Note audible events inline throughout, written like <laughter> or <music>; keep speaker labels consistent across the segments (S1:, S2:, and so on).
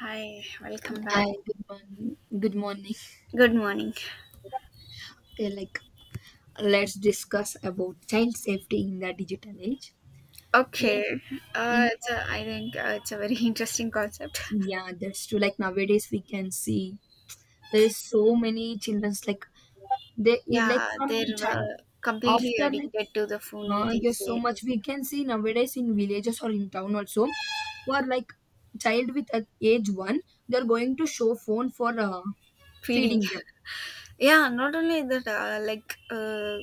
S1: Hi, welcome
S2: Hi,
S1: back.
S2: good morning. Good morning.
S1: Good morning.
S2: Okay, like, let's discuss about child safety in the digital age. Like,
S1: Okay,
S2: in
S1: uh, it's a, I think it's a very <laughs> interesting concept.
S2: yeah, that's true. Like nowadays, we can see there is so many childrens. Like they if, like
S1: Yeah,
S2: from
S1: they
S2: child
S1: were completely
S2: after like
S1: addicted to the phone, we can
S2: yes, so
S1: say.
S2: much we can see nowadays in villages or in town also, for like child with age 1, they're going to show phone for
S1: Feeding.
S2: feeding them.
S1: <laughs> Yeah, not only that,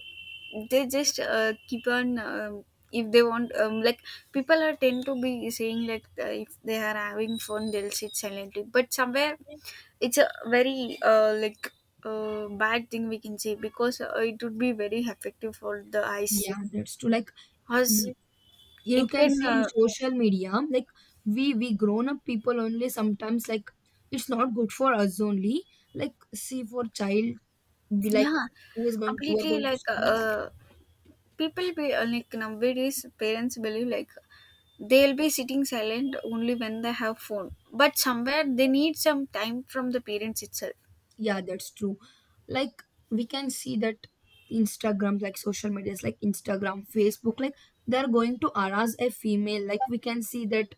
S1: they just keep on if they want. Like people are tend to be saying like if they are having fun, they'll sit silently. But somewhere it's a very bad thing we can say because it would be very effective for the eyes,
S2: Yeah, that's true. Like
S1: cause
S2: you
S1: it
S2: can
S1: can
S2: see in social media like we grown up people only sometimes like it's not good for us only, like see for child be like
S1: yeah
S2: who is going, who are
S1: completely
S2: going to
S1: like
S2: schools.
S1: uh, people be like nowadays parents believe like they'll be sitting silent only when they have phone. But somewhere they need some time from the parents itself.
S2: Yeah, that's true. Like we can see that Instagram, like social medias like Instagram, Facebook, like they're going to harass a female, like we can see that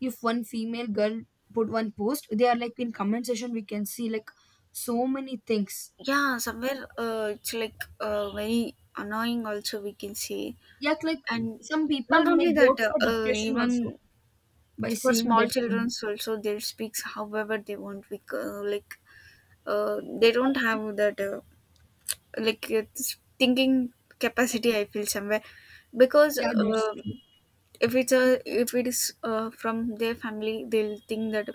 S2: if one female girl put one post, they are like in comment section we can see like so many things.
S1: Yeah, somewhere it's like very annoying also we can say.
S2: Yeah, like
S1: And
S2: some people
S1: not
S2: may
S1: only
S2: go
S1: that,
S2: for depression also
S1: even
S2: by
S1: for
S2: seeing
S1: small
S2: that
S1: children
S2: trend.
S1: also they speak however they want. We, c- like they don't have that like it's thinking capacity I feel somewhere because
S2: Yeah, that's true.
S1: if it is from their family they'll think that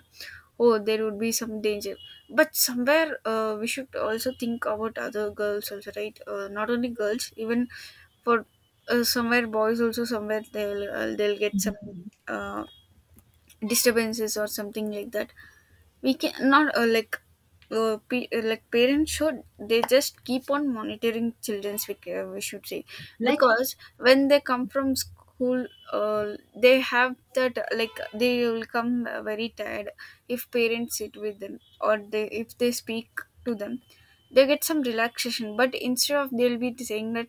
S1: oh there would be some danger, but somewhere we should also think about other girls also, right? Not only girls, even for somewhere boys also. Somewhere they'll get
S2: Yeah,
S1: some
S2: yeah.
S1: uh, disturbances or something like that. We can not like parents should, they just keep on monitoring children's, we should say,
S2: Like,
S1: because when they come from school they have that like they will come very tired. If parents sit with them or they if they speak to them, they get some relaxation. But instead of, they'll be saying that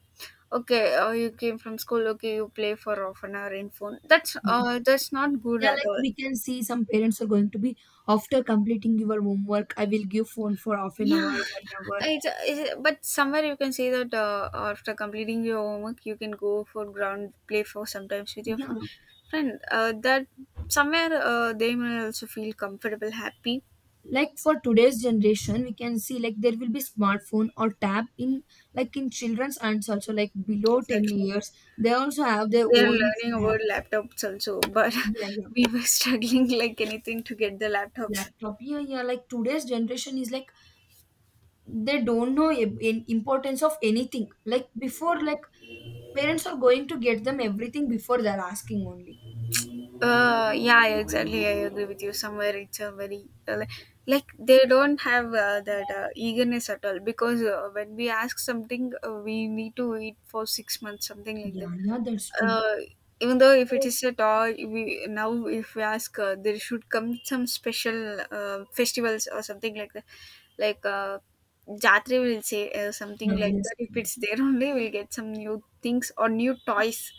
S1: okay, you came from school, okay, you play for half an hour in phone. That's not good
S2: yeah,
S1: at
S2: like
S1: all.
S2: we can see some parents are going to be, after completing your homework, I will give phone for half an hour,
S1: Yeah,
S2: 1 hour.
S1: it's but somewhere you can say that after completing your homework, you can go for ground play for sometimes with your
S2: Yeah,
S1: fun friend. That somewhere they may also feel comfortable, happy.
S2: like for today's generation, we can see like there will be smartphone or tab in, like in children's hands also, like below ten
S1: Exactly,
S2: years. They also have their
S1: they are
S2: own.
S1: learning
S2: Yeah,
S1: about laptops also, but
S2: yeah, yeah.
S1: <laughs> we were struggling like anything to get the laptops.
S2: Laptop. Yeah, yeah. Like today's generation is like they don't know in importance of anything, like before, like parents are going to get them everything before they're asking only.
S1: Yeah, exactly. I agree with you. Somewhere it's a very like they don't have that eagerness at all because when we ask something, we need to wait for 6 months, something like that.
S2: Yeah, yeah, that's true.
S1: Uh, Even though if it is a toy, we now if we ask, there should come some special festivals or something like that, like uh, Jatri will say something
S2: Yeah,
S1: like
S2: yes.
S1: that. If it's there <laughs> only, we'll get some new things or new toys,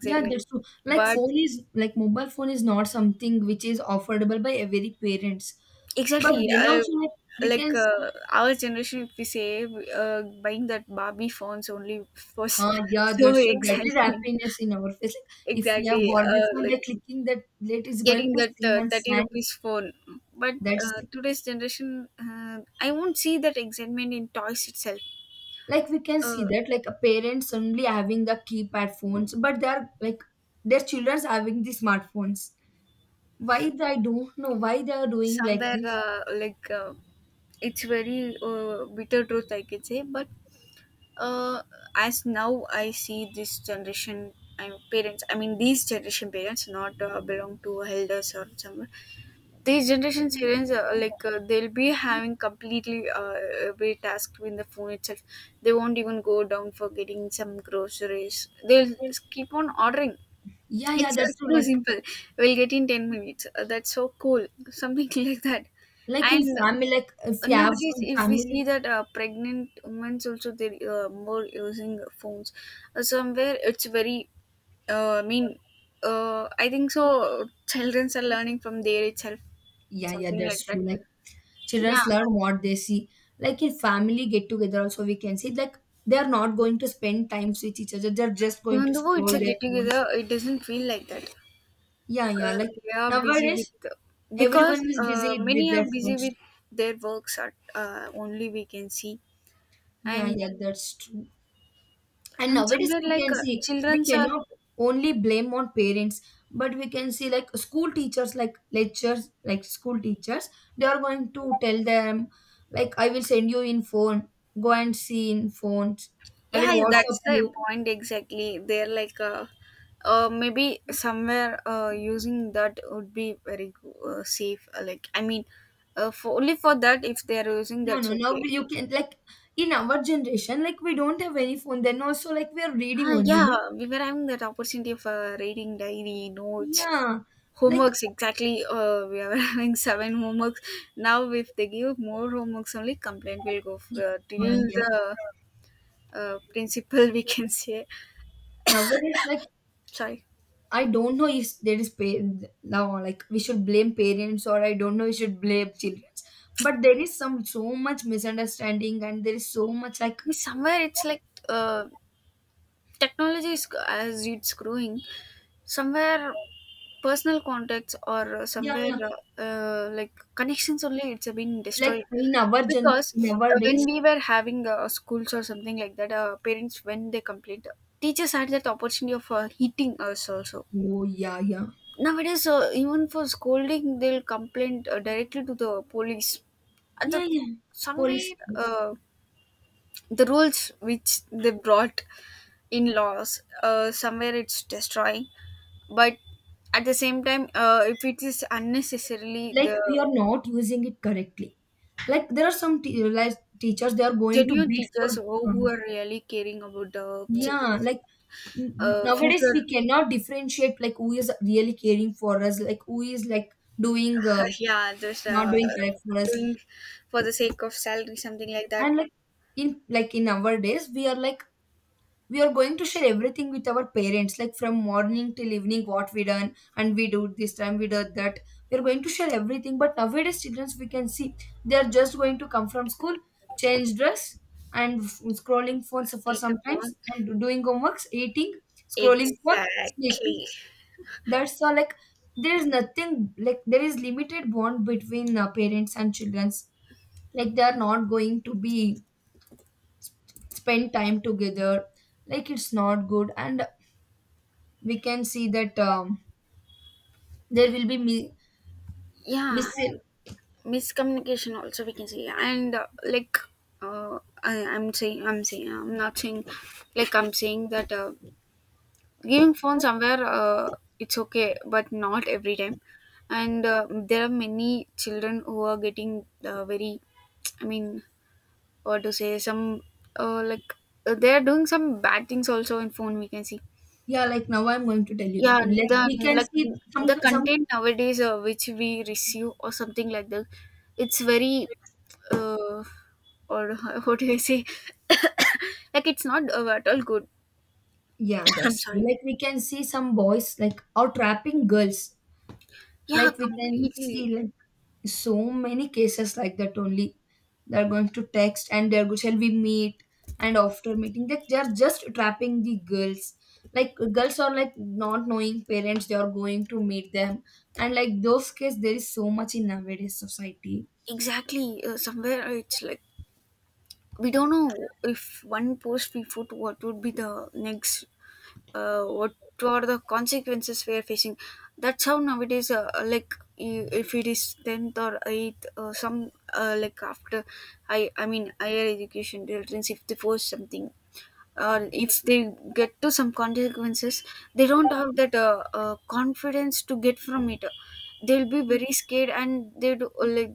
S2: Yeah, that's true, like
S1: but
S2: phone is like mobile phone is not something which is affordable by every parents, but
S1: exactly.
S2: then also like we can see.
S1: Our generation, if we say, buying that Barbie phones only was <laughs>
S2: Yeah,
S1: so
S2: that's true, that is
S1: exciting.
S2: happiness in our face, like if we have
S1: Exactly.
S2: bought before
S1: Like
S2: by clicking that late is going
S1: getting
S2: to
S1: that
S2: sing and
S1: 30
S2: sang.
S1: rupees phone. But
S2: That's,
S1: today's generation, I won't see that excitement in toys itself.
S2: like we can see
S1: Uh,
S2: that, like a parent suddenly having the keypad phones but they are like their children's having the smartphones. Why, I don't know why they are doing like
S1: somewhere
S2: this.
S1: like It's very bitter truth, I can say. But uh, as now I see this generation, I'm parents. I mean, these generation parents, not belong to elders or somewhere. These generation parents, they'll be having completely every task in the phone itself. They won't even go down for getting some groceries. Keep on ordering.
S2: Yeah, yeah,
S1: It's
S2: that's true.
S1: too
S2: like
S1: simple. We'll get in 10 minutes. That's so cool. Something <laughs> like that.
S2: like in
S1: And
S2: family, like if you have
S1: nowadays
S2: some
S1: if we
S2: family.
S1: see that pregnant women also they more using phones. Somewhere it's very uh, i mean I think so children are learning from there itself,
S2: Yeah, yeah,
S1: something
S2: that's
S1: like that.
S2: true, like childrens
S1: Yeah,
S2: learn what they see. Like in family get together also we can see like they are not going to spend times with each other, they're just going
S1: even
S2: to
S1: though it's
S2: scroll
S1: a
S2: their
S1: get
S2: phones.
S1: together, it doesn't feel like that.
S2: Yeah, yeah, like
S1: They are busy
S2: nowadays
S1: with,
S2: everyone
S1: because
S2: is busy with
S1: many are
S2: their
S1: busy
S2: phones.
S1: with their works at only we can see.
S2: Yeah,
S1: and
S2: yeah, that's true. And
S1: and
S2: nowadays
S1: somewhere
S2: we
S1: like
S2: can see we
S1: children's are,
S2: cannot only blame on parents, but we can see like school teachers, like lectures, like school teachers, they are going to tell them, like I will send you in phone, go and see in phones. I will
S1: yeah, yeah,
S2: WhatsApp
S1: that's the
S2: you.
S1: point exactly. Maybe somewhere using that would be very safe. Like, I mean, for only for that, if they're using,
S2: No,
S1: that's
S2: no, now
S1: okay.
S2: you can, like in our generation, like we don't have any phone, then also like we are reading
S1: Ah,
S2: only, no?
S1: yeah, we were having that opportunity of reading diary notes,
S2: Yeah, like
S1: homeworks. Exactly, we are <laughs> having seven homeworks now. If they give more homeworks, only complaint will go for,
S2: y-
S1: till
S2: yeah. Yeah.
S1: the principal. <laughs> We can say
S2: Nowadays, like,
S1: sorry.
S2: I don't know if there is now, like we should blame parents or I don't know we should blame children. But there is some so much misunderstanding and there is so much like,
S1: Somewhere it's like technology is as it's growing somewhere personal contacts or
S2: yeah,
S1: somewhere
S2: yeah,
S1: like connections only it's been
S2: like
S1: destroyed,
S2: in our gen,
S1: because
S2: in our days.
S1: when we were having schools or something like that, parents when they complained, teachers had that opportunity of hitting us also.
S2: Oh yeah, yeah.
S1: Nowadays even for scolding they'll complain directly to the police, and that
S2: Yeah, yeah. Police
S1: somewhere
S2: force.
S1: the rules which they brought in laws somewhere it's destroying. But at the same time if it is unnecessarily
S2: Like
S1: the
S2: we are not using it correctly. Like there are some like teachers, they are going to
S1: genuine
S2: beat for
S1: teachers, who
S2: um,
S1: are really caring about the
S2: yeah,
S1: children's
S2: like nowadays
S1: future,
S2: we cannot differentiate like who is really caring for us, like who is like doing
S1: <laughs> yeah, just
S2: not doing correct for us.
S1: doing for the sake of salary, something like that.
S2: And like, in like in our days, we are like, we are going to share everything with our parents, like from morning till evening what we done, and we do this time we did that, we are going to share everything. But nowadays children we can see, they are just going to come from school, change dress, and scrolling phones for
S1: Take a prom.
S2: sometimes, and doing homeworks, eating, scrolling phone, sleeping,
S1: Exactly.
S2: that's all. Like there is nothing, like there is limited bond between parents and children, like they are not going to be spend time together, like it's not good. And we can see that there will be miss.
S1: Yeah, miscommunication also we can say. And I'm saying, I'm not saying, like I'm saying that giving phone somewhere it's okay, but not every time. And there are many children who are getting very, I mean, what to say, some uh, like they are doing some bad things also in phone we can see.
S2: Yeah, like now I'm going to tell you
S1: Yeah,
S2: that only. Like
S1: the
S2: we can
S1: like
S2: see, some
S1: the
S2: some
S1: content nowadays which we receive or something like that, it's very uh, or <laughs> what do I say? <coughs> Like it's not at all good.
S2: Yeah,
S1: <coughs> I'm
S2: that's true,
S1: sorry.
S2: like we can see some boys like are trapping girls,
S1: Yeah,
S2: like we can
S1: completely.
S2: see like so many cases like that only, they're going to text and they're going, shall we meet, and after meeting that they're just trapping the girls, like girls are like not knowing parents they are going to meet them, and like those cases there is so much in nowadays society.
S1: Exactly. Somewhere it's like we don't know if one post we put what would be the next what are the consequences we are facing. That's how nowadays if it is 10th or 8th, some like after, I mean higher education children, if they force something or if they get to some consequences, they don't have that confidence to get from it. They'll be very scared and they do, like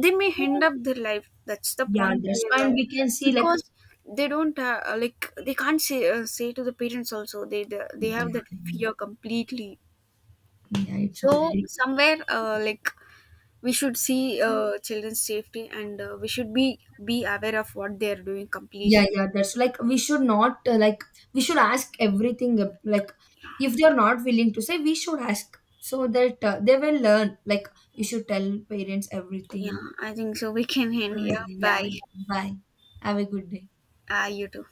S1: they may end up their life. That's the
S2: Yeah,
S1: point
S2: that's,
S1: where the,
S2: and we can see like,
S1: because they don't like they can't say say to the parents also, they
S2: yeah,
S1: have that
S2: yeah.
S1: fear completely.
S2: Yeah, it's
S1: So
S2: already.
S1: somewhere like we should see children's safety, and we should be aware of what they are doing
S2: Yeah,
S1: completely.
S2: yeah, that's like we should not like, we should ask everything, like if they are not willing to say, we should ask so that they will learn, like we should tell parents
S1: Yeah,
S2: everything.
S1: I think so we can end. Yeah,
S2: Yeah,
S1: bye.
S2: yeah. Bye. Have a good day.
S1: Ah, you too.